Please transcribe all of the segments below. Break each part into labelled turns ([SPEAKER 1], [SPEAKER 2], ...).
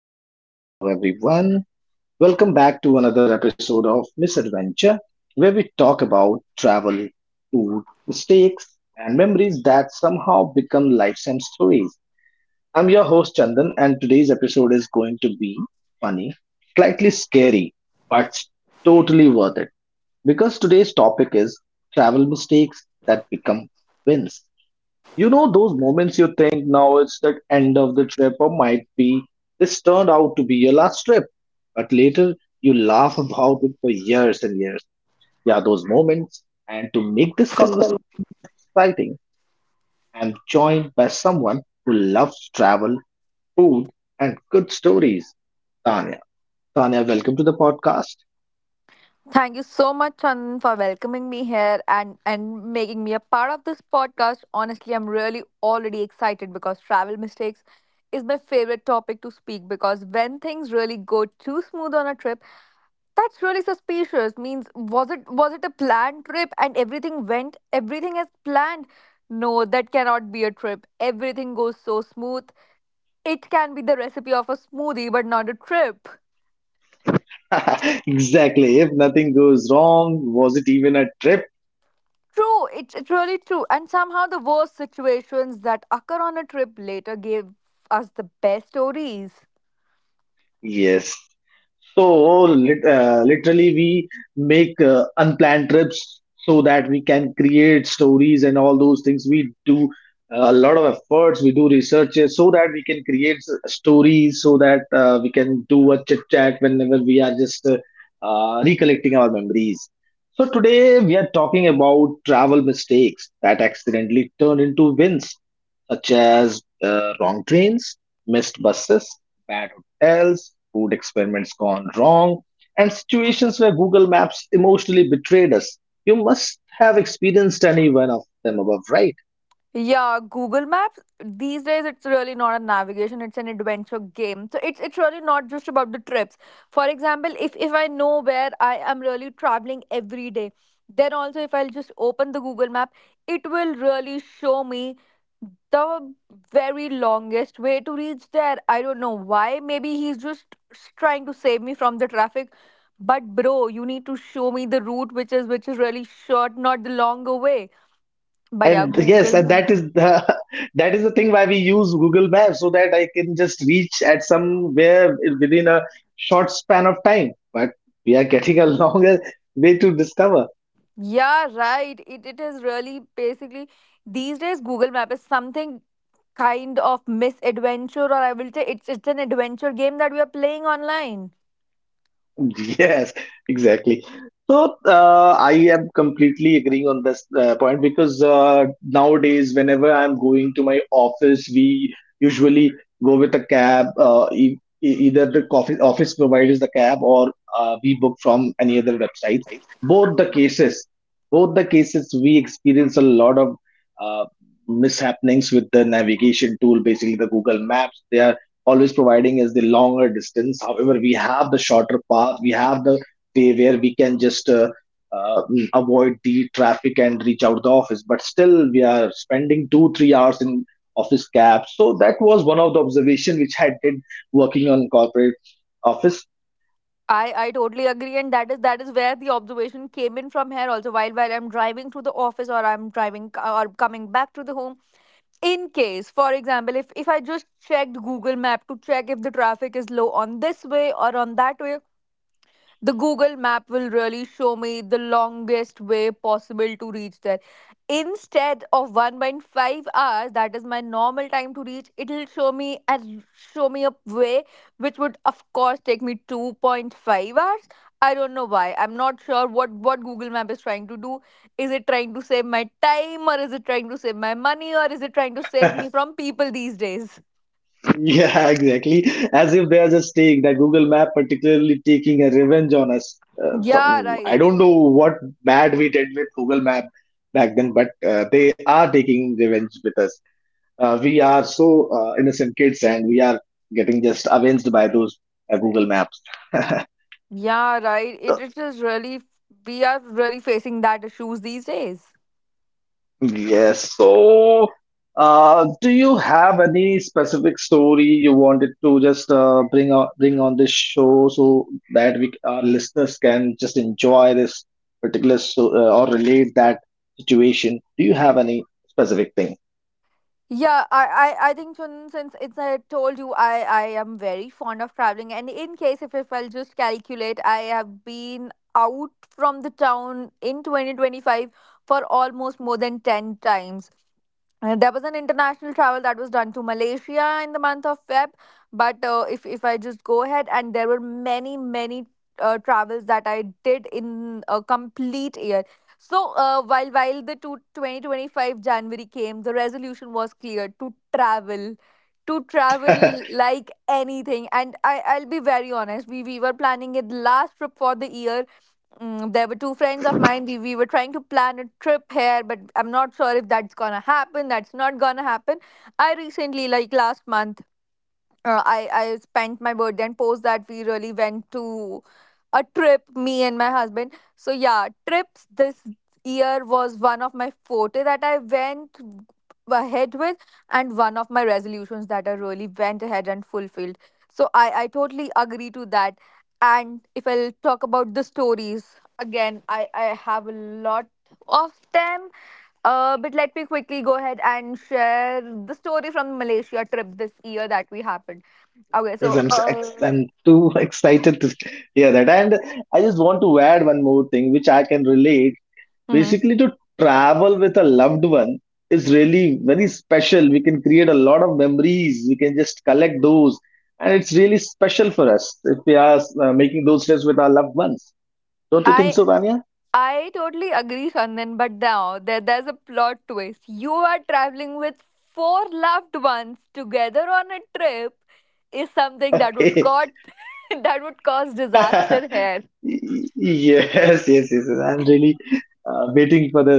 [SPEAKER 1] Hello, hello, hello, everyone. Welcome back to another episode of Misadventure, where we talk about travel, food, mistakes, and memories that somehow become lifetime stories. I'm your host, Chandan, and today's episode is going to be funny, slightly scary, but totally worth it because today's topic is travel mistakes that become wins. You know those moments you think now it's the end of the trip or might be this turned out to be your last trip. But later you laugh about it for years and years. Yeah, those moments. And to make this conversation more exciting, I'm joined by someone who loves travel, food, and good stories. Tanya. Tanya, welcome to the podcast.
[SPEAKER 2] Thank you so much, Chandan, for welcoming me here and making me a part of this podcast. Honestly, I'm really already excited because travel mistakes is my favorite topic to speak, because when things really go too smooth on a trip, that's really suspicious. Means was it a planned trip and everything went everything as planned? No, that cannot be a trip. Everything goes so smooth. It can be the recipe of a smoothie, but not a trip.
[SPEAKER 1] Exactly. If nothing goes wrong, was it even a trip?
[SPEAKER 2] True, it's really true. And somehow the worst situations that occur on a trip later gave us the best stories.
[SPEAKER 1] Yes. So literally, we make unplanned trips so that we can create stories and all those things. We do a lot of efforts. We do researches so that we can create stories so that we can do a chit chat whenever we are just recollecting our memories. So today we are talking about travel mistakes that accidentally turn into wins, such as wrong trains, missed buses, bad else, food experiments gone wrong, and situations where Google Maps emotionally betrayed us. You must have experienced any one of them above, right?
[SPEAKER 2] Yeah, Google Maps these days, it's really not a navigation, it's an adventure game. So it's really not just about the trips. For example, if I know where I am really traveling every day, then also if I'll just open the Google Map, it will really show me the very longest way to reach there. I don't know why. Maybe he's just trying to save me from the traffic. But bro, you need to show me the route which is really short, not the longer way. But yeah,
[SPEAKER 1] And yes,
[SPEAKER 2] Google
[SPEAKER 1] and
[SPEAKER 2] Map.
[SPEAKER 1] that is the that is the thing why we use Google Maps so that I can just reach at somewhere within a short span of time. But we are getting a longer way to discover.
[SPEAKER 2] Yeah, right. It is really basically these days Google Map is something kind of misadventure, or I will say it's an adventure game that we are playing online.
[SPEAKER 1] Yes, exactly. So I am completely agreeing on this point because nowadays, whenever I'm going to my office, we usually go with a cab. Either the coffee office provides the cab, or we book from any other website. Both the cases, both the cases, we experience a lot of uh, mishappenings with the navigation tool, basically the Google Maps. They are always providing is the longer distance. However, we have the shorter path, we have the way where we can just avoid the traffic and reach out the office. But still, we are spending two, 3 hours in office cab. So that was one of the observation which I did working on corporate office.
[SPEAKER 2] I totally agree, and that is where the observation came in from here also while I'm driving to the office, or I'm driving or coming back to the home. In case, for example, if I just checked Google map to check if the traffic is low on this way or on that way, the Google map will really show me the longest way possible to reach there. Instead of 1.5 hours, that is my normal time to reach, it'll show me and show me a way which would of course take me 2.5 hours. I don't know why. I'm not sure what Google Map is trying to do. Is it trying to save my time, or is it trying to save my money, or is it trying to save me from people these days?
[SPEAKER 1] Yeah, exactly. As if there's a stake that Google Map particularly taking a revenge on us.
[SPEAKER 2] Yeah,
[SPEAKER 1] Some, I
[SPEAKER 2] right.
[SPEAKER 1] don't know what bad we did with Google Map back then, but they are taking revenge with us. We are so innocent kids, and we are getting just avenged by those Google Maps.
[SPEAKER 2] Yeah, right. It is really, we are really facing that issues these days.
[SPEAKER 1] Yes. So, do you have any specific story you wanted to just bring on this show so that we our listeners can just enjoy this particular or relate that situation? Do you have any specific thing?
[SPEAKER 2] Yeah, I think, Chun, since it's I told you I am very fond of traveling, and in case if I'll just calculate, I have been out from the town in 2025 for almost more than 10 times. There was an international travel that was done to Malaysia in the month of Feb. But if I just go ahead, and there were many travels that I did in a complete year. So while the two 2025 January came, the resolution was clear to travel like anything. And I'll be very honest, we were planning it last trip for the year. There were two friends of mine. We were trying to plan a trip here, but I'm not sure if that's gonna happen. That's not gonna happen. I recently, like last month, I spent my birthday, and post that we really went to a trip, me and my husband. So yeah, trips this year was one of my forte that I went ahead with, and one of my resolutions that I really went ahead and fulfilled. So I totally agree to that. And if I'll talk about the stories again, I have a lot of them, but let me quickly go ahead and share the story from Malaysia trip this year that we happened. Okay,
[SPEAKER 1] Yes,
[SPEAKER 2] so,
[SPEAKER 1] I'm too excited to hear that. And I just want to add one more thing which I can relate
[SPEAKER 2] mhm.
[SPEAKER 1] basically to travel with a loved one is really very special. We can create a lot of memories, we can just collect those, and it's really special for us if we are making those trips with our loved ones. Don't you think
[SPEAKER 2] I
[SPEAKER 1] so, Tanya?
[SPEAKER 2] I totally agree, Chandan. But now there's a plot twist. You are traveling with four loved ones together on a trip is something that would
[SPEAKER 1] Okay.
[SPEAKER 2] cause that would cause disaster here.
[SPEAKER 1] Y- yes, yes, yes, yes. I'm really waiting for the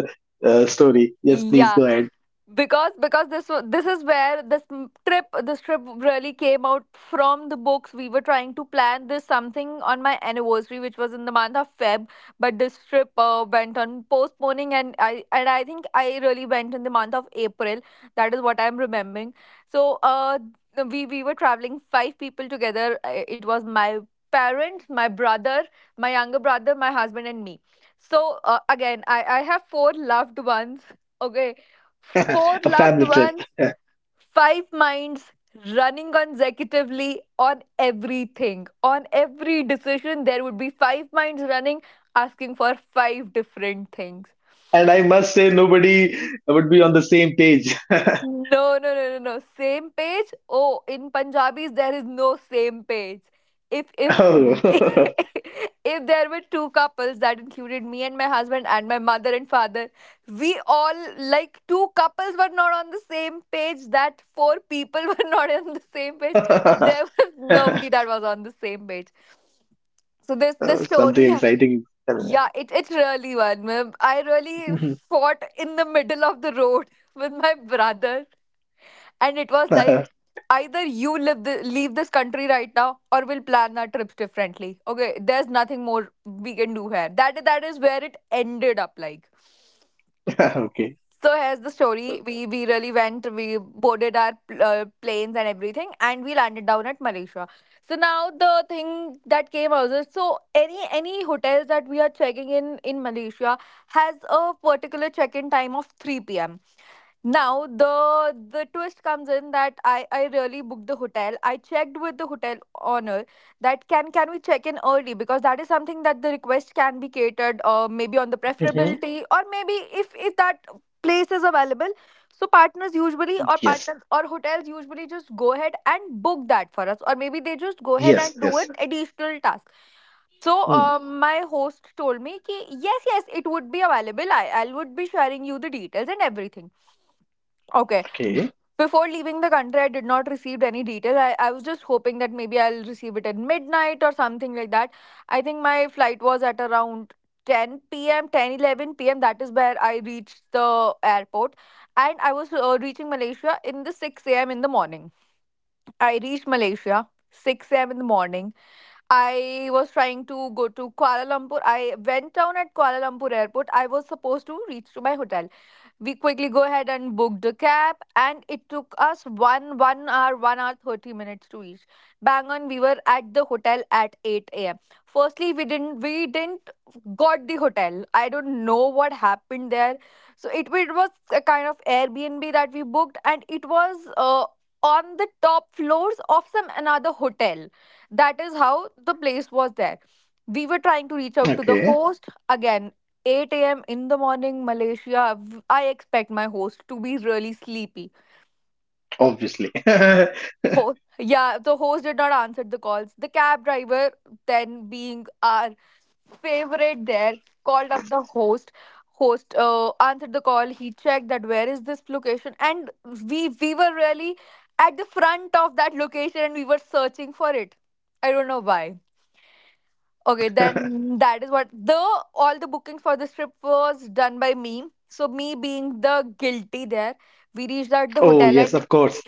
[SPEAKER 1] story. Yes, please
[SPEAKER 2] Yeah,
[SPEAKER 1] go ahead.
[SPEAKER 2] because this is where this trip really came out from the books. We were trying to plan this something on my anniversary, which was in the month of Feb, but this trip, went on postponing, and I think I really went in the month of April, that is what I'm remembering. So we were traveling five people together. It was my parents, my brother, my younger brother, my husband and me. So again, I have four loved ones. Okay, four
[SPEAKER 1] A
[SPEAKER 2] loved
[SPEAKER 1] family trip.
[SPEAKER 2] ones, five minds running consecutively on everything. On every decision, there would be five minds running, asking for five different things.
[SPEAKER 1] And I must say nobody would be on the same page.
[SPEAKER 2] No, no, no, no, no. Same page? Oh, in Punjabis there is no same page. If If there were two couples that included me and my husband and my mother and father, we all, like two couples were not on the same page. That four people were not on the same page.
[SPEAKER 1] Oh.
[SPEAKER 2] There was nobody that was on the same page. So this
[SPEAKER 1] Something
[SPEAKER 2] story,
[SPEAKER 1] exciting is coming.
[SPEAKER 2] yeah, it really was. Ma'am, I really
[SPEAKER 1] Mhm.
[SPEAKER 2] fought in the middle of the road with my brother, and it was like,
[SPEAKER 1] Up.
[SPEAKER 2] either you leave this country right now or we'll plan our trips differently. Okay, there's nothing more we can do here. That is where it ended up, like.
[SPEAKER 1] Okay.
[SPEAKER 2] So here's the story. We really went. We boarded our planes and everything, and we landed down at Malaysia. So now the thing that came out is, so any hotels that we are checking in Malaysia has a particular check-in time of 3 p.m. Now the twist comes in that I really booked the hotel. I checked with the hotel owner that can we check in early, because that is something that the request can be catered, maybe on the
[SPEAKER 1] Mhm.
[SPEAKER 2] preferability, or maybe if that place is available. So partners usually, or
[SPEAKER 1] Yes.
[SPEAKER 2] partners or hotels usually just go ahead and book that for us, or maybe they just go ahead
[SPEAKER 1] Yes.
[SPEAKER 2] and do
[SPEAKER 1] Yes.
[SPEAKER 2] an additional task. So
[SPEAKER 1] Mm.
[SPEAKER 2] my host told me, ki, yes, yes, it would be available. I would be sharing you the details and everything. Okay.
[SPEAKER 1] Okay.
[SPEAKER 2] Before leaving the country, I did not receive any detail. I was just hoping that maybe I'll receive it at midnight or something like that. I think my flight was at around 10 p.m., 10, 11 p.m. That is where I reached the airport. And I was reaching Malaysia in the 6 a.m. in the morning. I reached Malaysia 6 a.m. in the morning. I was trying to go to Kuala Lumpur. I went down at Kuala Lumpur airport. I was supposed to reach to my hotel. We quickly go ahead and booked a cab, and it took us one hour, 1 hour 30 minutes to reach. Bang on, we were at the hotel at 8 a.m. Firstly, we didn't got the hotel. I don't know what happened there. So it was a kind of Airbnb that we booked, and it was on the top floors of some another hotel. That is how the place was there. We were trying to reach out to the
[SPEAKER 1] Okay.
[SPEAKER 2] host again. 8 a.m. in the morning, Malaysia, I expect my host to be really sleepy.
[SPEAKER 1] Obviously.
[SPEAKER 2] Yeah, the host did not answer the calls. The cab driver, then being our favorite there, called up the host. Host answered the call. He checked that where is this location, and we were really at the front of that location, and we were searching for it. I don't know why. Okay, then that is what the all the bookings for this trip was done by me. So me being the guilty there, we reached at the
[SPEAKER 1] Oh
[SPEAKER 2] hotel at—
[SPEAKER 1] yes. Of course.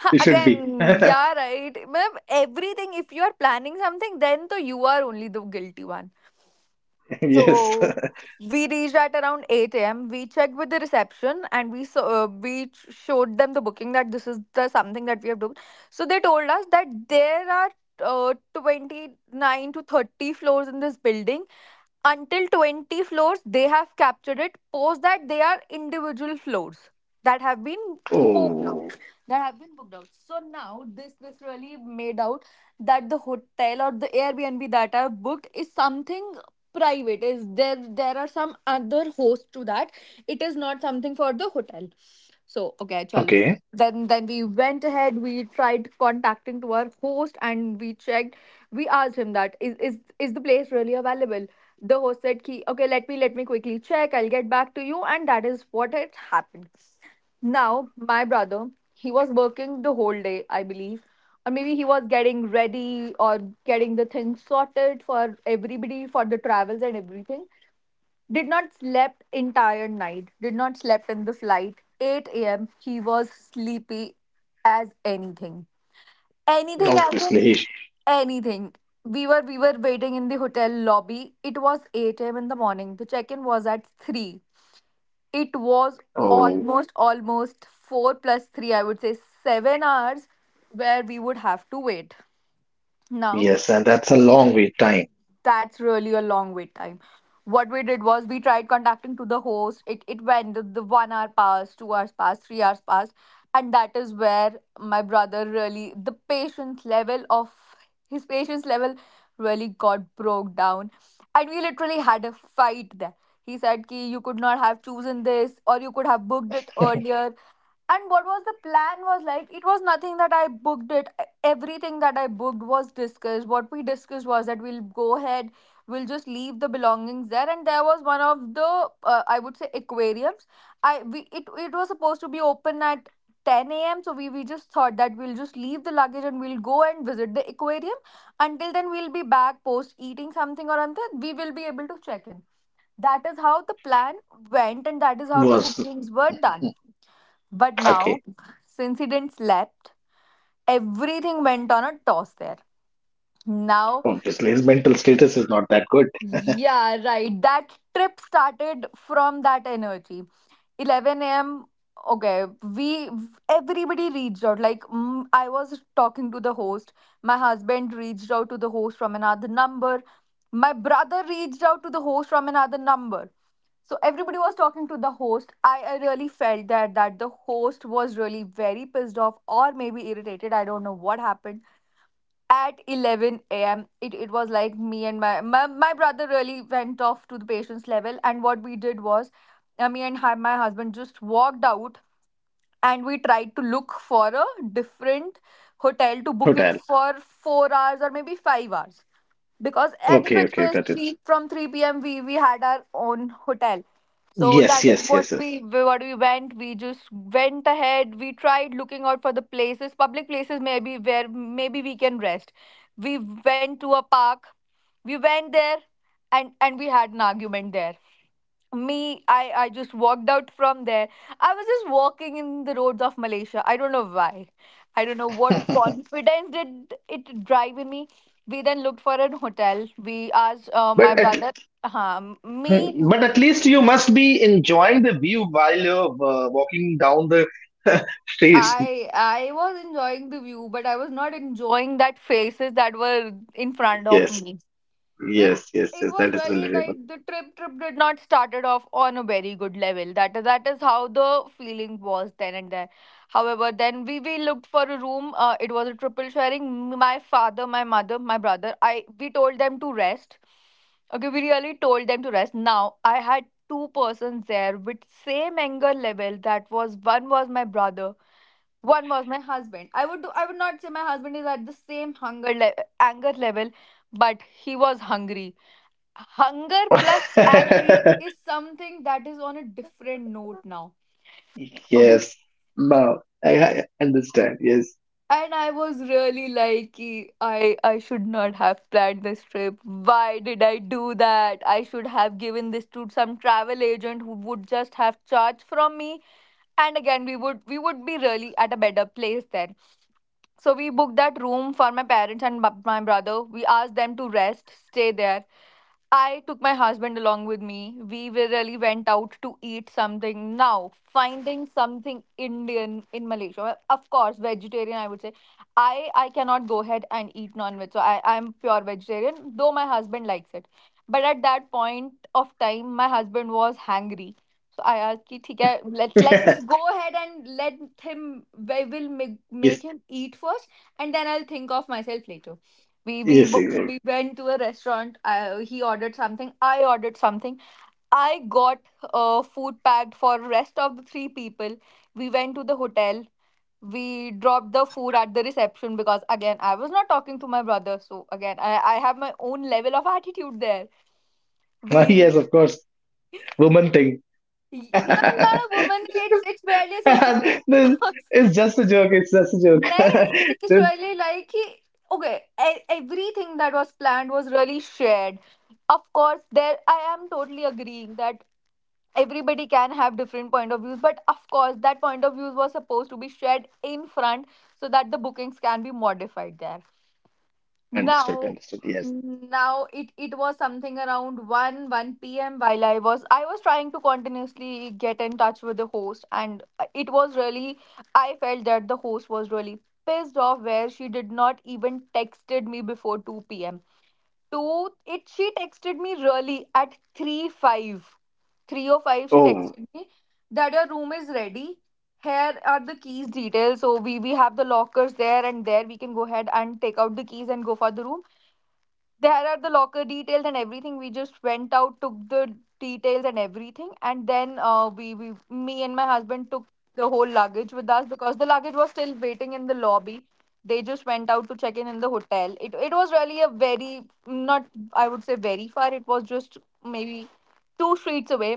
[SPEAKER 2] Huh,
[SPEAKER 1] You should be.
[SPEAKER 2] again, yeah, right. Matlab, everything, if you are planning something, then to you are only the guilty one.
[SPEAKER 1] Yes.
[SPEAKER 2] So we reached at around 8 a.m. We checked with the reception, and we saw, showed them the booking that this is the something that we have booked. So they told us that there are 29 to 30 floors in this building. Until 20 floors they have captured it, post that they are individual floors that have been booked
[SPEAKER 1] Oh.
[SPEAKER 2] out. Mm. That have been booked out. So now this really made out that the hotel or the Airbnb that I've booked is something private. Is there, there are some other hosts to that? It is not something for the hotel. So okay, chalo,
[SPEAKER 1] Okay.
[SPEAKER 2] then we went ahead. We tried contacting to our host, and we checked. We asked him that is the place really available? The host said ki, "Okay, let me quickly check. I'll get back to you," and that is what had happened. Now my brother, he was working the whole day, I believe, or maybe he was getting ready or getting the things sorted for everybody for the travels and everything. Did not slept entire night, did not slept in the flight. 8 a.m. he was sleepy as anything. Anything happened?
[SPEAKER 1] Obviously.
[SPEAKER 2] Anything. We were waiting in the hotel lobby. It was 8 a.m. in the morning. The check-in was at 3. It was
[SPEAKER 1] Oh
[SPEAKER 2] almost 4 plus 3, I would say, 7 hours where we would have to wait. Now
[SPEAKER 1] yes. And that's a long wait time.
[SPEAKER 2] that's really a long wait time. What we did was we tried contacting to the host. It went, the 1 hour passed, 2 hours passed, 3 hours passed, and that is where my brother really the patience level of his patience level really got broke down, and we literally had a fight there. He said, "Ki you could not have chosen this, or you could have booked it earlier." And what was the plan was, like, it was nothing that I booked it. E, everything that I booked was discussed. What we discussed was that we'll go ahead, we'll just leave the belongings there, and there was one of the I would say aquariums. I we It was supposed to be open at 10 a.m., so we just thought that we'll just leave the luggage and we'll go and visit the aquarium. Until then, we'll be back. Post eating something or something, we will be able to check in. That is how the plan went, and that is how the
[SPEAKER 1] Was
[SPEAKER 2] bookings were done. But
[SPEAKER 1] okay.
[SPEAKER 2] now, since he didn't slept, everything went on a toss there. Now,
[SPEAKER 1] Obviously, his mental status is not that good.
[SPEAKER 2] yeah, right. That trip started from that energy. 11 a.m. Okay, we everybody reached out. Like, mm, I was talking to the host. My husband reached out to the host from another number. My brother reached out to the host from another number. So everybody was talking to the host. I really felt that the host was really very pissed off or maybe irritated. I don't know what happened. At 11 a.m. it was like me and my brother really went off to the patient's level, and what we did was my husband just walked out, and we tried to look for a different hotel to book it
[SPEAKER 1] Hotel.
[SPEAKER 2] for 4 hours or maybe 5 hours, because any
[SPEAKER 1] Okay.
[SPEAKER 2] which
[SPEAKER 1] Okay.
[SPEAKER 2] was
[SPEAKER 1] Got it.
[SPEAKER 2] three. From 3 p.m. we had our own hotel. So
[SPEAKER 1] Yes.
[SPEAKER 2] that is
[SPEAKER 1] Yes.
[SPEAKER 2] what
[SPEAKER 1] Yes. Yes.
[SPEAKER 2] we went. We just went ahead. We tried looking out for the places, public places maybe, where maybe we can rest. We went to a park. We went there, and we had an argument there. Me I just walked out from there. I was just walking in the roads of Malaysia. I don't know why. I don't know what confidence did it drive in me. We then looked for an hotel. We asked my
[SPEAKER 1] But at
[SPEAKER 2] brother,
[SPEAKER 1] Hmm,
[SPEAKER 2] me.
[SPEAKER 1] but at least you must be enjoying the view while you're walking down the streets.
[SPEAKER 2] I was enjoying the view, but I was not enjoying that faces that were in front of
[SPEAKER 1] Yes,
[SPEAKER 2] me. We've-
[SPEAKER 1] yes, yes,
[SPEAKER 2] It
[SPEAKER 1] yes.
[SPEAKER 2] was
[SPEAKER 1] That is
[SPEAKER 2] really
[SPEAKER 1] relatable.
[SPEAKER 2] like the trip did not started off on a very good level. That is how the feeling was then and there. However, then we looked for a room. It was a triple sharing. My father, my mother, my brother. I we told them to rest. Okay, we really told them to rest. Now I had two persons there with same anger level. That was, one was my brother, one was my husband. I would not say my husband is at the same anger level, but he was hungry. Hunger plus angry is something that is on a different note now. Okay.
[SPEAKER 1] Yes. No, I understand. Yes.
[SPEAKER 2] And I was really like, "Ki, I should not have planned this trip. Why did I do that? I should have given this to some travel agent who would just have charged from me, and again we would be really at a better place then." So we booked that room for my parents and my brother. We asked them to rest, stay there. I took my husband along with me. We really went out to eat something. Now, finding something Indian in Malaysia, well, of course, vegetarian, I would say. I cannot go ahead and eat non veg. So I'm pure vegetarian, though my husband likes it. But at that point of time, my husband was hungry. So I asked, ki, "ठीक है, let's just go ahead and let him, we will make
[SPEAKER 1] Yes,
[SPEAKER 2] him eat first, and then I'll think of myself later."
[SPEAKER 1] yes, yes.
[SPEAKER 2] We went to a restaurant. He ordered something, I ordered something. I got food packed for rest of the three people. We went to the hotel. We dropped the food at the reception, because again I was not talking to my brother. So again, I have my own level of attitude there. We
[SPEAKER 1] Yes, of course. Woman thing.
[SPEAKER 2] Not a woman, it's barely a sister.
[SPEAKER 1] This- it's just a joke. It's just a joke.
[SPEAKER 2] Then it's
[SPEAKER 1] Dude,
[SPEAKER 2] really like कि- okay, everything that was planned was really shared. Of course, there I am totally agreeing that everybody can have different point of views, but of course that point of views was supposed to be shared in front, so that the bookings can be modified there.
[SPEAKER 1] understood.
[SPEAKER 2] Now,
[SPEAKER 1] Understood. Yes.
[SPEAKER 2] now it was something around 1 p.m. while I was trying to continuously get in touch with the host. And it was really, I felt that the host was really pissed off, where she did not even texted me before 2 p.m. Two, it she texted me really at 3 or 5. She
[SPEAKER 1] Oh.
[SPEAKER 2] texted me that your room is ready, here are the keys details. So we have the lockers there, and there we can go ahead and take out the keys and go for the room. There are the locker details and everything. We just went out, took the details and everything, and then we me and my husband took the whole luggage with us, because the luggage was still waiting in the lobby. They just went out to check in the hotel. It was really a very not, I would say, very far. It was just maybe two streets away.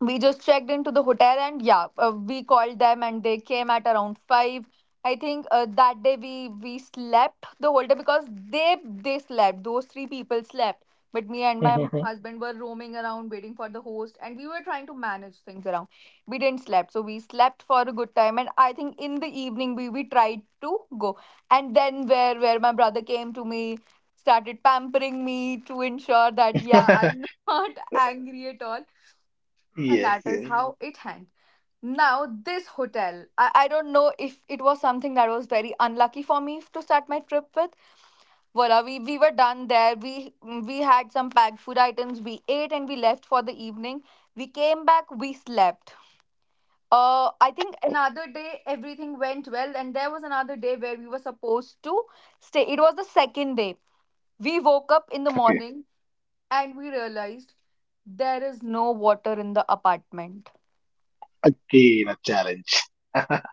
[SPEAKER 2] We just checked into the hotel, and yeah, we called them and they came at around 5. I think that day we slept the whole day, because they slept. Those three people slept, but me and my husband were roaming around waiting for the host, and we were trying to manage things around. We didn't slept, so we slept for a good time. And I think in the evening we tried to go. And then where my brother came to me, started pampering me, to ensure that yeah, I'm not angry at all. And
[SPEAKER 1] Yes.
[SPEAKER 2] that is how
[SPEAKER 1] Yes.
[SPEAKER 2] it hanged. Now, this hotel, I don't know if it was something that was very unlucky for me to start my trip with. Voila, we were done there. We had some packed food items. We ate and we left for the evening. We came back, we slept. I think another day everything went well, and there was another day where we were supposed to stay. It was the second day. We woke up in the
[SPEAKER 1] Okay.
[SPEAKER 2] morning and we realized there is no water in the apartment.
[SPEAKER 1] Again, a challenge.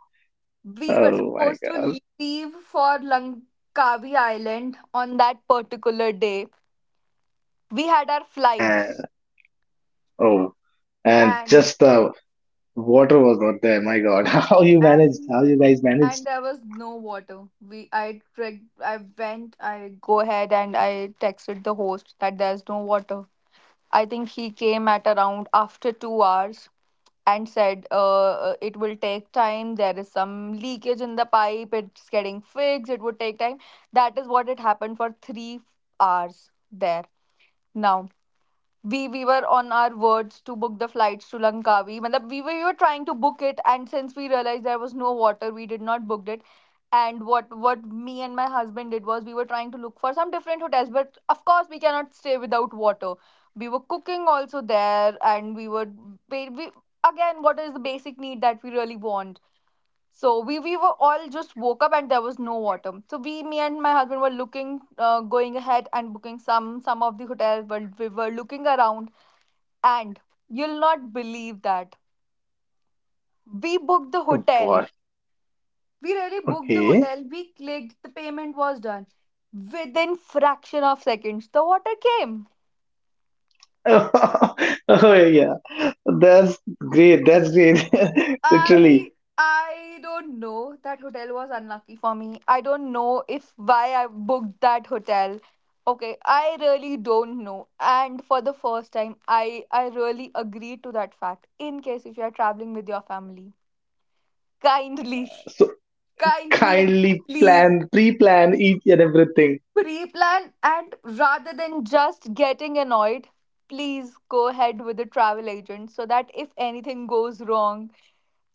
[SPEAKER 2] We were
[SPEAKER 1] Oh my
[SPEAKER 2] supposed to
[SPEAKER 1] God.
[SPEAKER 2] leave for Langkawi Island on that particular day. We had our flights,
[SPEAKER 1] And oh, and
[SPEAKER 2] and
[SPEAKER 1] just the water was not there. My God. How you managed?
[SPEAKER 2] and
[SPEAKER 1] How you guys
[SPEAKER 2] and
[SPEAKER 1] managed?
[SPEAKER 2] there was no water. We I trick I went I go ahead and I texted the host that there's no water. I think he came at around after 2 hours, and said it will take time. There is some leakage in the pipe, it's getting fixed, it would take time. That is what it happened for 3 hours there. Now we were on our words to book the flights to Langkawi. Matlab, we were trying to book it, and since we realized there was no water, we did not booked it. And what me and my husband did was we were trying to look for some different hotels, but of course we cannot stay without water. We were cooking also there, and we were ba- we, again, what is the basic need that we really want. So we were all just woke up and there was no water. So we, me and my husband were looking, going ahead and booking some of the hotels, but we were looking around, and you'll not believe that we booked the hotel.
[SPEAKER 1] What?
[SPEAKER 2] We really booked the
[SPEAKER 1] Okay.
[SPEAKER 2] hotel. We clicked. The payment was done. Within fraction of seconds, the water came.
[SPEAKER 1] Oh yeah. That's great. That's great. Literally.
[SPEAKER 2] I I don't know. That hotel was unlucky for me. I don't know if why I booked that hotel. Okay, I really don't know. And for the first time, I really agree to that fact. In case if you are traveling with your family, kindly,
[SPEAKER 1] So
[SPEAKER 2] kindly and
[SPEAKER 1] kindly
[SPEAKER 2] please
[SPEAKER 1] plan, pre-plan each and everything.
[SPEAKER 2] pre-plan, and rather than just getting annoyed, please go ahead with the travel agent so that if anything goes wrong,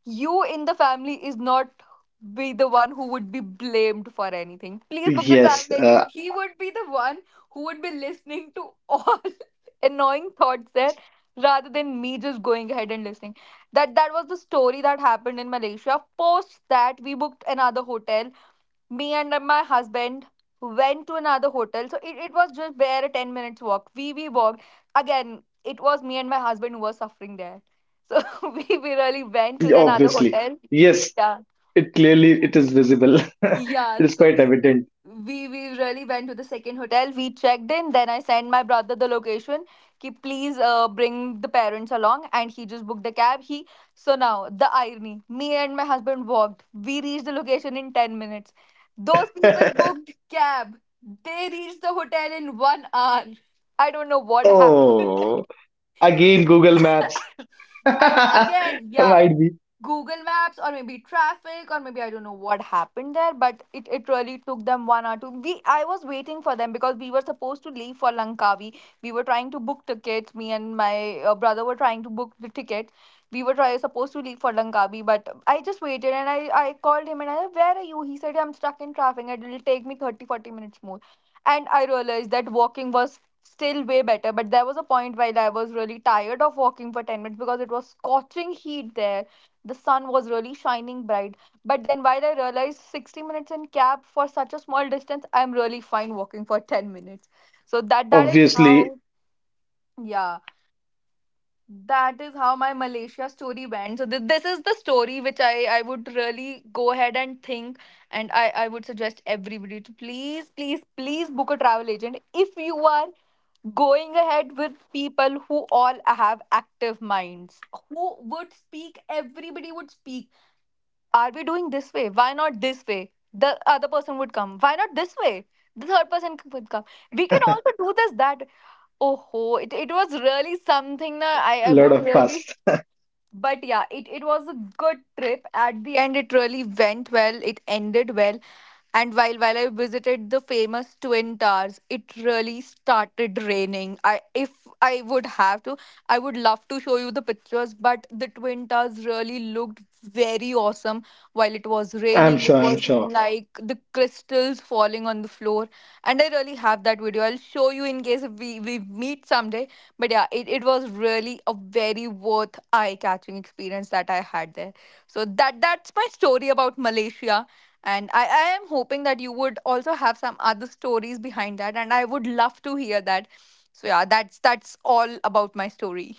[SPEAKER 2] you in the family is not be the one who would be blamed for anything. Please book the
[SPEAKER 1] Yes,
[SPEAKER 2] travel agent. He would be the one who would be listening to all annoying thoughts there rather than me just going ahead and listening. That was the story that happened in Malaysia. Post that we booked another hotel, me and my husband went to another hotel, so it was just bare a 10 minutes walk, we walked. Again, it was me and my husband who was suffering there. So we really went to the another
[SPEAKER 1] obviously.
[SPEAKER 2] hotel.
[SPEAKER 1] Yes,
[SPEAKER 2] Yeah.
[SPEAKER 1] it clearly it is visible.
[SPEAKER 2] Yeah,
[SPEAKER 1] It is
[SPEAKER 2] so
[SPEAKER 1] quite
[SPEAKER 2] we
[SPEAKER 1] evident.
[SPEAKER 2] we we really went to the second hotel. We checked in. Then I sent my brother the location. He, please bring the parents along, and he just booked the cab. He, so now the irony. Me and my husband walked. We reached the location in 10 minutes. Those people booked cab. They reached the hotel in 1 hour. I don't know what happened.
[SPEAKER 1] Oh, again Google Maps.
[SPEAKER 2] I, again, yeah.
[SPEAKER 1] Might be
[SPEAKER 2] Google Maps or maybe traffic or maybe I don't know what happened there, but it really took them one or two. We I was waiting for them because we were supposed to leave for Langkawi. We were trying to book tickets. Me and my brother were trying to book the tickets. We were supposed to leave for Langkawi, but I just waited and I called him and I said, "Where are you?" He said, "I'm stuck in traffic and it'll take me 30 40 minutes more." And I realized that walking was still way better, but there was a point while I was really tired of walking for 10 minutes because it was scorching heat there, the sun was really shining bright. But then, while I realized 60 minutes in cab for such a small distance, I'm really fine walking for 10 minutes. So that is
[SPEAKER 1] obviously
[SPEAKER 2] how, yeah, that is how my Malaysia story went. So this is the story which I would really go ahead and think, and I would suggest everybody to please please please book a travel agent if you are going ahead with people who all have active minds, who would speak, everybody would speak. Are we doing this way? Why not this way? The other person would come. Why not this way? The third person would come. We can also do this, that. Oh, ho, it was really something. Na, I,
[SPEAKER 1] a
[SPEAKER 2] I
[SPEAKER 1] lot
[SPEAKER 2] would
[SPEAKER 1] of fuss.
[SPEAKER 2] really, but yeah, it was a good trip. At the end, it really went well, it ended well. And while I visited the famous twin towers, it really started raining. I if I would have to I would love to show you the pictures, but the twin towers really looked very awesome. While it was
[SPEAKER 1] I'm
[SPEAKER 2] raining,
[SPEAKER 1] sure,
[SPEAKER 2] it
[SPEAKER 1] I'm
[SPEAKER 2] was
[SPEAKER 1] sure.
[SPEAKER 2] like the crystals falling on the floor. And I really have that video. I'll show you, in case if we meet someday. But yeah, it was really a very worth eye-catching experience that I had there. So that that's my story about Malaysia. And I am hoping that you would also have some other stories behind that. And I would love to hear that. So yeah, that's all about my story.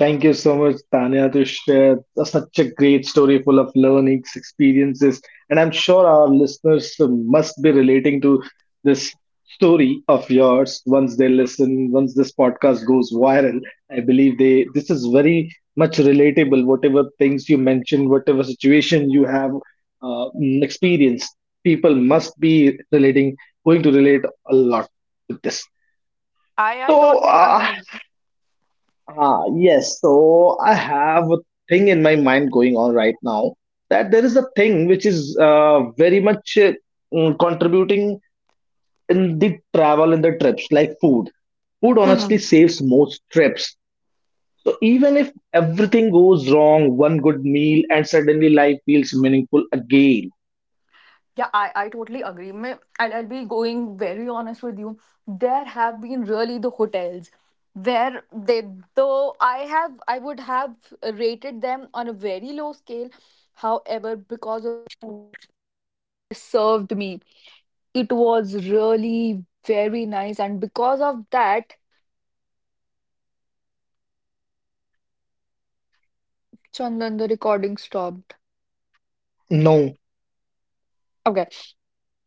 [SPEAKER 1] Thank you so much, Tanya, to share such a great story full of learnings, experiences, and I'm sure our listeners must be relating to this story of yours once they listen, once this podcast goes viral. I believe they this is very much relatable, whatever things you mentioned, whatever situation you have uh, experienced, people must be relating, going to relate a lot with this.
[SPEAKER 2] I
[SPEAKER 1] So,
[SPEAKER 2] totally agree.
[SPEAKER 1] Yes. So I have a thing in my mind going on right now that there is a thing which is very much contributing in the travel and the trips, like food. Food honestly saves most trips. So even if everything goes wrong, one good meal and suddenly life feels meaningful again.
[SPEAKER 2] Yeah, I totally agree. And I'll be going very honest with you. There have been really the hotels where they, though I have I would have rated them on a very low scale. However, because of, it was really very nice, and because of that, Chandan, the recording stopped.
[SPEAKER 1] No.
[SPEAKER 2] Okay.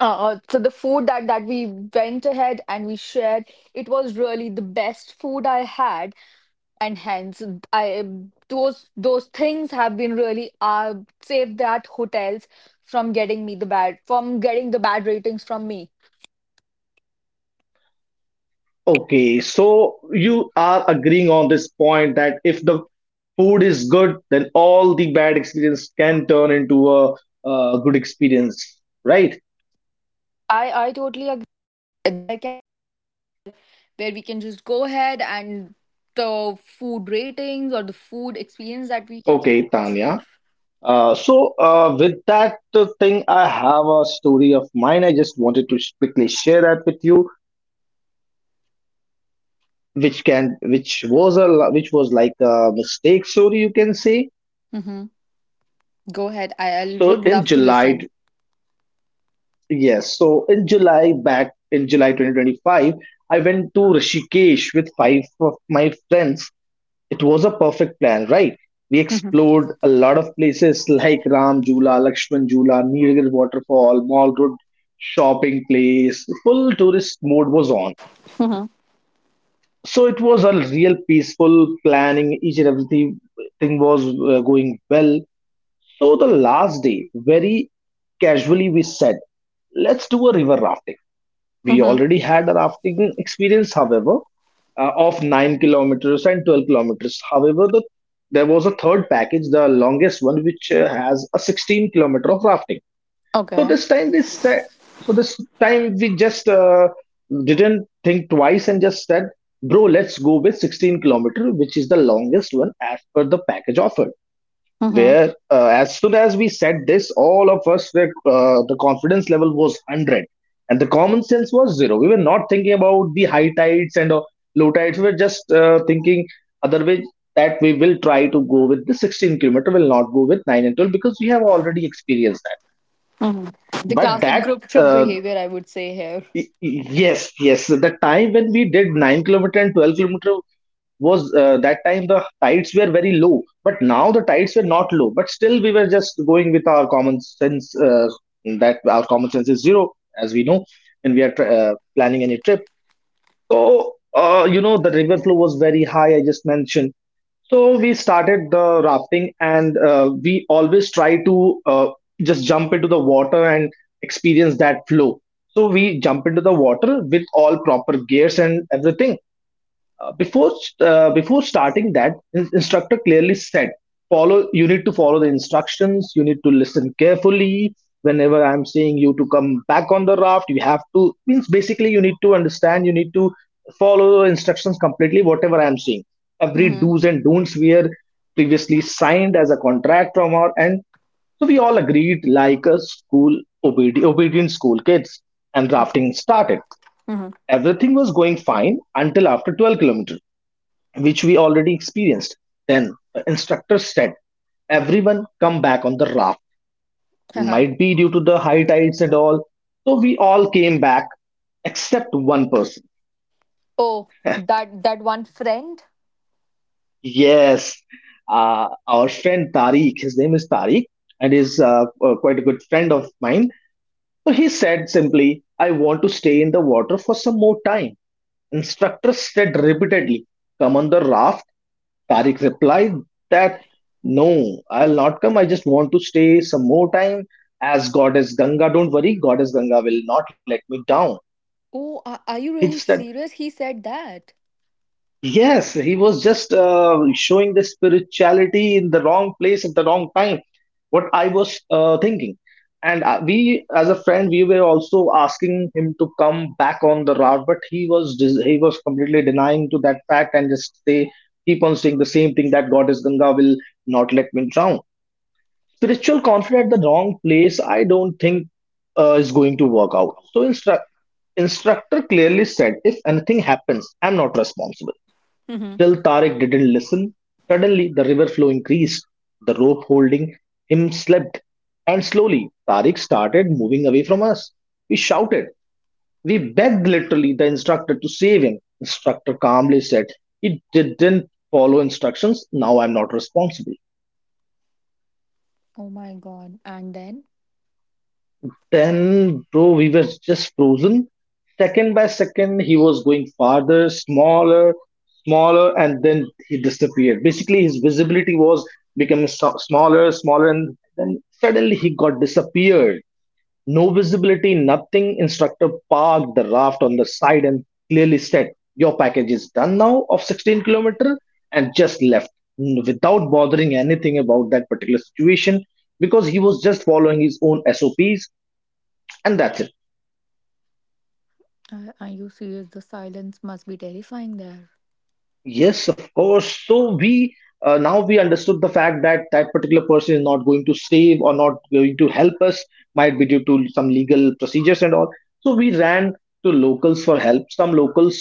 [SPEAKER 2] So the food that we went ahead and we shared, it was really the best food I had, and hence I, those things have been really saved that hotels from getting me the bad, from getting the bad ratings from me.
[SPEAKER 1] Okay, so you are agreeing on this point that if the food is good, then all the bad experience can turn into a, good experience, right?
[SPEAKER 2] I totally agree.
[SPEAKER 3] We can just go ahead and the food ratings or the food experience that we have.
[SPEAKER 1] Okay, Tanya. With that thing, I have a story of mine. I just wanted to quickly share that with you, which can, which was like a mistake story, you can say.
[SPEAKER 3] Mm-hmm. Go ahead. I
[SPEAKER 1] So
[SPEAKER 3] would
[SPEAKER 1] in
[SPEAKER 3] love to
[SPEAKER 1] July
[SPEAKER 3] listen.
[SPEAKER 1] Yes. So in July, back in July 2025, I went to Rishikesh with five of my friends. It was a perfect plan, right? We explored a lot of places like Ram Jula, Lakshman Jula, Nilgiri Waterfall, Mall Road shopping place. Full tourist mode was on.
[SPEAKER 3] Mm-hmm.
[SPEAKER 1] So it was a real peaceful planning. Each and everything thing was going well. So the last day, very casually, we said, let's do a river rafting. We
[SPEAKER 3] Hmm.
[SPEAKER 1] already had a rafting experience, however, of 9 kilometers and 12 kilometers. However, the, there was a third package, the longest one, which has a 16 kilometer of rafting. So
[SPEAKER 3] Okay.
[SPEAKER 1] this time we said, so this time we just didn't think twice and just said, bro, let's go with 16-kilometer, which is the longest one as per the package offered.
[SPEAKER 3] Hmm.
[SPEAKER 1] Where as soon as we said this, all of us were the confidence level was 100 and the common sense was zero. We were not thinking about the high tides and low tides. We were just thinking other way that we will try to go with the 16 kilometer, will not go with 9 and 12 because we have already experienced that.
[SPEAKER 3] Hmm. The
[SPEAKER 1] But
[SPEAKER 3] classic
[SPEAKER 1] that
[SPEAKER 3] group trip
[SPEAKER 1] uh,
[SPEAKER 3] behavior, I would say here.
[SPEAKER 1] Y- y- Yes, yes. The time when we did 9 kilometer and 12 kilometer was that time the tides were very low, but now the tides were not low. But still, we were just going with our common sense, that our common sense is zero, as we know, and we are planning any trip. So, you know, the river flow was very high. I just mentioned so we started the rafting, and we always try to just jump into the water and experience that flow. So we jump into the water with all proper gears and everything, uh, before before starting that his instructor clearly said, follow, you need to follow the instructions, you need to listen carefully. Whenever I'm saying you to come back on the raft, you have to, means basically you need to understand, you need to follow the instructions completely whatever I'm saying. Every
[SPEAKER 3] Mm-hmm.
[SPEAKER 1] do's and don'ts were previously signed as a contract from our end. So we all agreed like a school, obedient school kids, and
[SPEAKER 3] Okay.
[SPEAKER 1] rafting started.
[SPEAKER 3] Hmm.
[SPEAKER 1] Everything was going fine until after 12 km which we already experienced. Then the instructor said, Everyone come back on the raft.
[SPEAKER 3] Uh-huh.
[SPEAKER 1] Might be due to the high tides and all. So we all came back except one person.
[SPEAKER 3] Oh, that one friend.
[SPEAKER 1] Yes, our friend Tariq, his name is Tariq and is quite a good friend of mine. So he said simply, I want to stay in the water for some more time. Instructor said repeatedly, Come on the raft. Tariq replied that no, I'll not come. I just want to stay some more time as Goddess Ganga. Don't worry, Goddess Ganga will not let me down.
[SPEAKER 3] Oh, are you
[SPEAKER 1] He just
[SPEAKER 3] really
[SPEAKER 1] said,
[SPEAKER 3] serious, he said that?
[SPEAKER 1] yes, he was just showing the spirituality in the wrong place at the wrong time, what I was thinking. And we, as a friend, we were also asking him to come back on the route, but he was he was completely denying to that fact and just say keep on saying the same thing that Goddess Ganga will not let me drown. Spiritual conflict at the wrong place, I don't think is going to work out. So instructor clearly said, if anything happens, I'm not responsible.
[SPEAKER 3] Mm-hmm.
[SPEAKER 1] Still, Tariq didn't listen. Suddenly, the river flow increased. The rope holding him slipped, and slowly Tariq started moving away from us. We shouted. We begged literally the instructor to save him. Instructor calmly said, he didn't follow instructions. Now I'm not responsible.
[SPEAKER 3] Oh my god, and then?
[SPEAKER 1] Then bro, we were just frozen. Second by second he was going farther, smaller, smaller, and then he disappeared. Basically his visibility was becoming smaller, smaller, and then suddenly he got disappeared. No visibility, nothing. Instructor parked the raft on the side and clearly said, your package is done now of 16 kilometer, and just left, without bothering anything about that particular situation, because he was just following his own SOPs and that's it.
[SPEAKER 3] Are you serious? The silence must be terrifying there.
[SPEAKER 1] Yes, of course. So we, now we understood the fact that that particular person is not going to save or not going to help us, might be due to some legal procedures and all. So we ran to locals for help. Some locals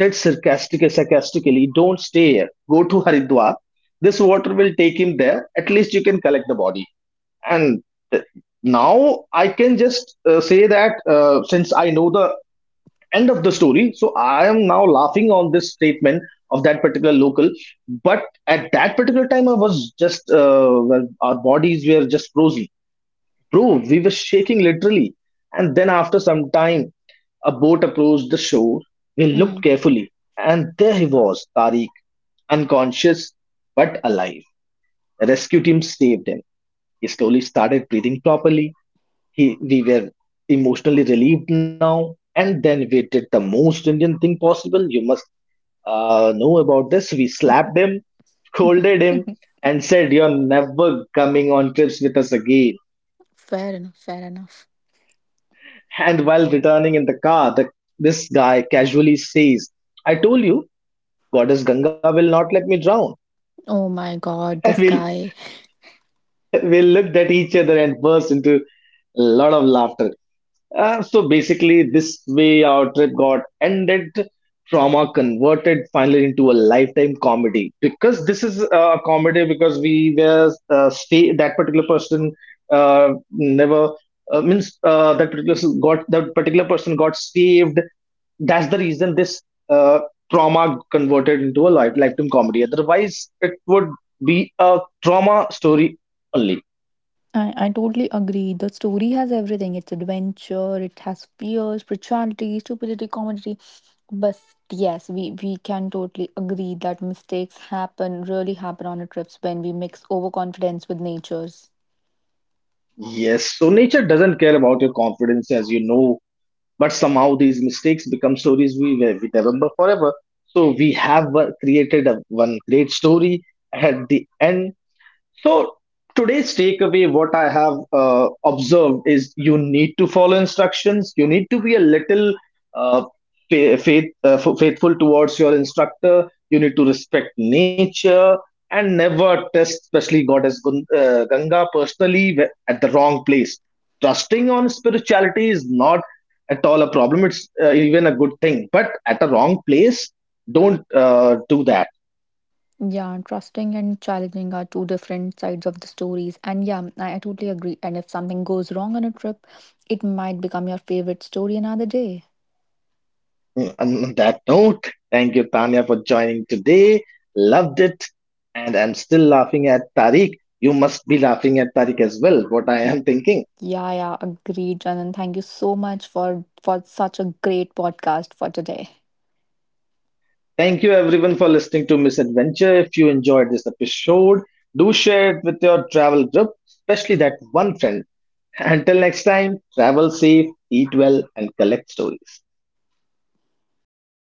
[SPEAKER 1] said sarcastically, sarcastically, don't stay here, go to Haridwar. This water will take him there, at least you can collect the body. And uh, now I can just say that since I know the end of the story. So I am now laughing on this statement of that particular local. But at that particular time, I was just, well, our bodies were just frozen. Bro, we were shaking literally. And then after some time, a boat approached the shore. We looked
[SPEAKER 3] Mhm.
[SPEAKER 1] carefully, and there he was, Tariq, unconscious but alive. The rescue team saved him. He slowly started breathing properly. He, we were emotionally relieved now. And then we did the most Indian thing possible. You must know about this. We slapped him, scolded him, and said, You're never coming on trips with us again.
[SPEAKER 3] Fair enough, fair enough.
[SPEAKER 1] And while returning in the car, the, this guy casually says, I told you, Goddess Ganga will not let me drown.
[SPEAKER 3] Oh my god,
[SPEAKER 1] And
[SPEAKER 3] this guy.
[SPEAKER 1] we'll looked at each other and burst into a lot of laughter. So basically, this way our trip got ended. Trauma converted finally into a lifetime comedy, because this is a comedy because we were stay that particular person never means that particular got that particular person got saved. That's the reason this uh, trauma converted into a lifetime comedy. Otherwise, it would be a trauma story only.
[SPEAKER 3] I totally agree. The story has everything. It's adventure, it has fear, spirituality, stupidity, comedy. But yes, we can totally agree that mistakes happen, really happen on our trips when we mix overconfidence with natures.
[SPEAKER 1] Yes, so nature doesn't care about your confidence, as you know, but somehow these mistakes become stories we remember forever. So we have created one great story at the end. So today's takeaway, what I have observed is you need to follow instructions. You need to be a little uh, faith, faithful towards your instructor. You need to respect nature and never test, especially Goddess Ganga personally at the wrong place. Trusting on spirituality is not at all a problem. It's even a good thing, but at the wrong place, don't do that.
[SPEAKER 3] Yeah, trusting and challenging are two different sides of the stories. And yeah, I totally agree. And if something goes wrong on a trip, it might become your favorite story another day.
[SPEAKER 1] On that note, thank you, Tanya, for joining today. Loved it. And I'm still laughing at Tariq. You must be laughing at Tariq as well, what I am thinking.
[SPEAKER 3] Yeah, yeah, agreed, Janan. Thank you so much for such a great podcast for today.
[SPEAKER 1] Thank you, everyone, for listening to Misadventure. If you enjoyed this episode, do share it with your travel group, especially that one friend. Until next time, travel safe, eat well, and collect stories.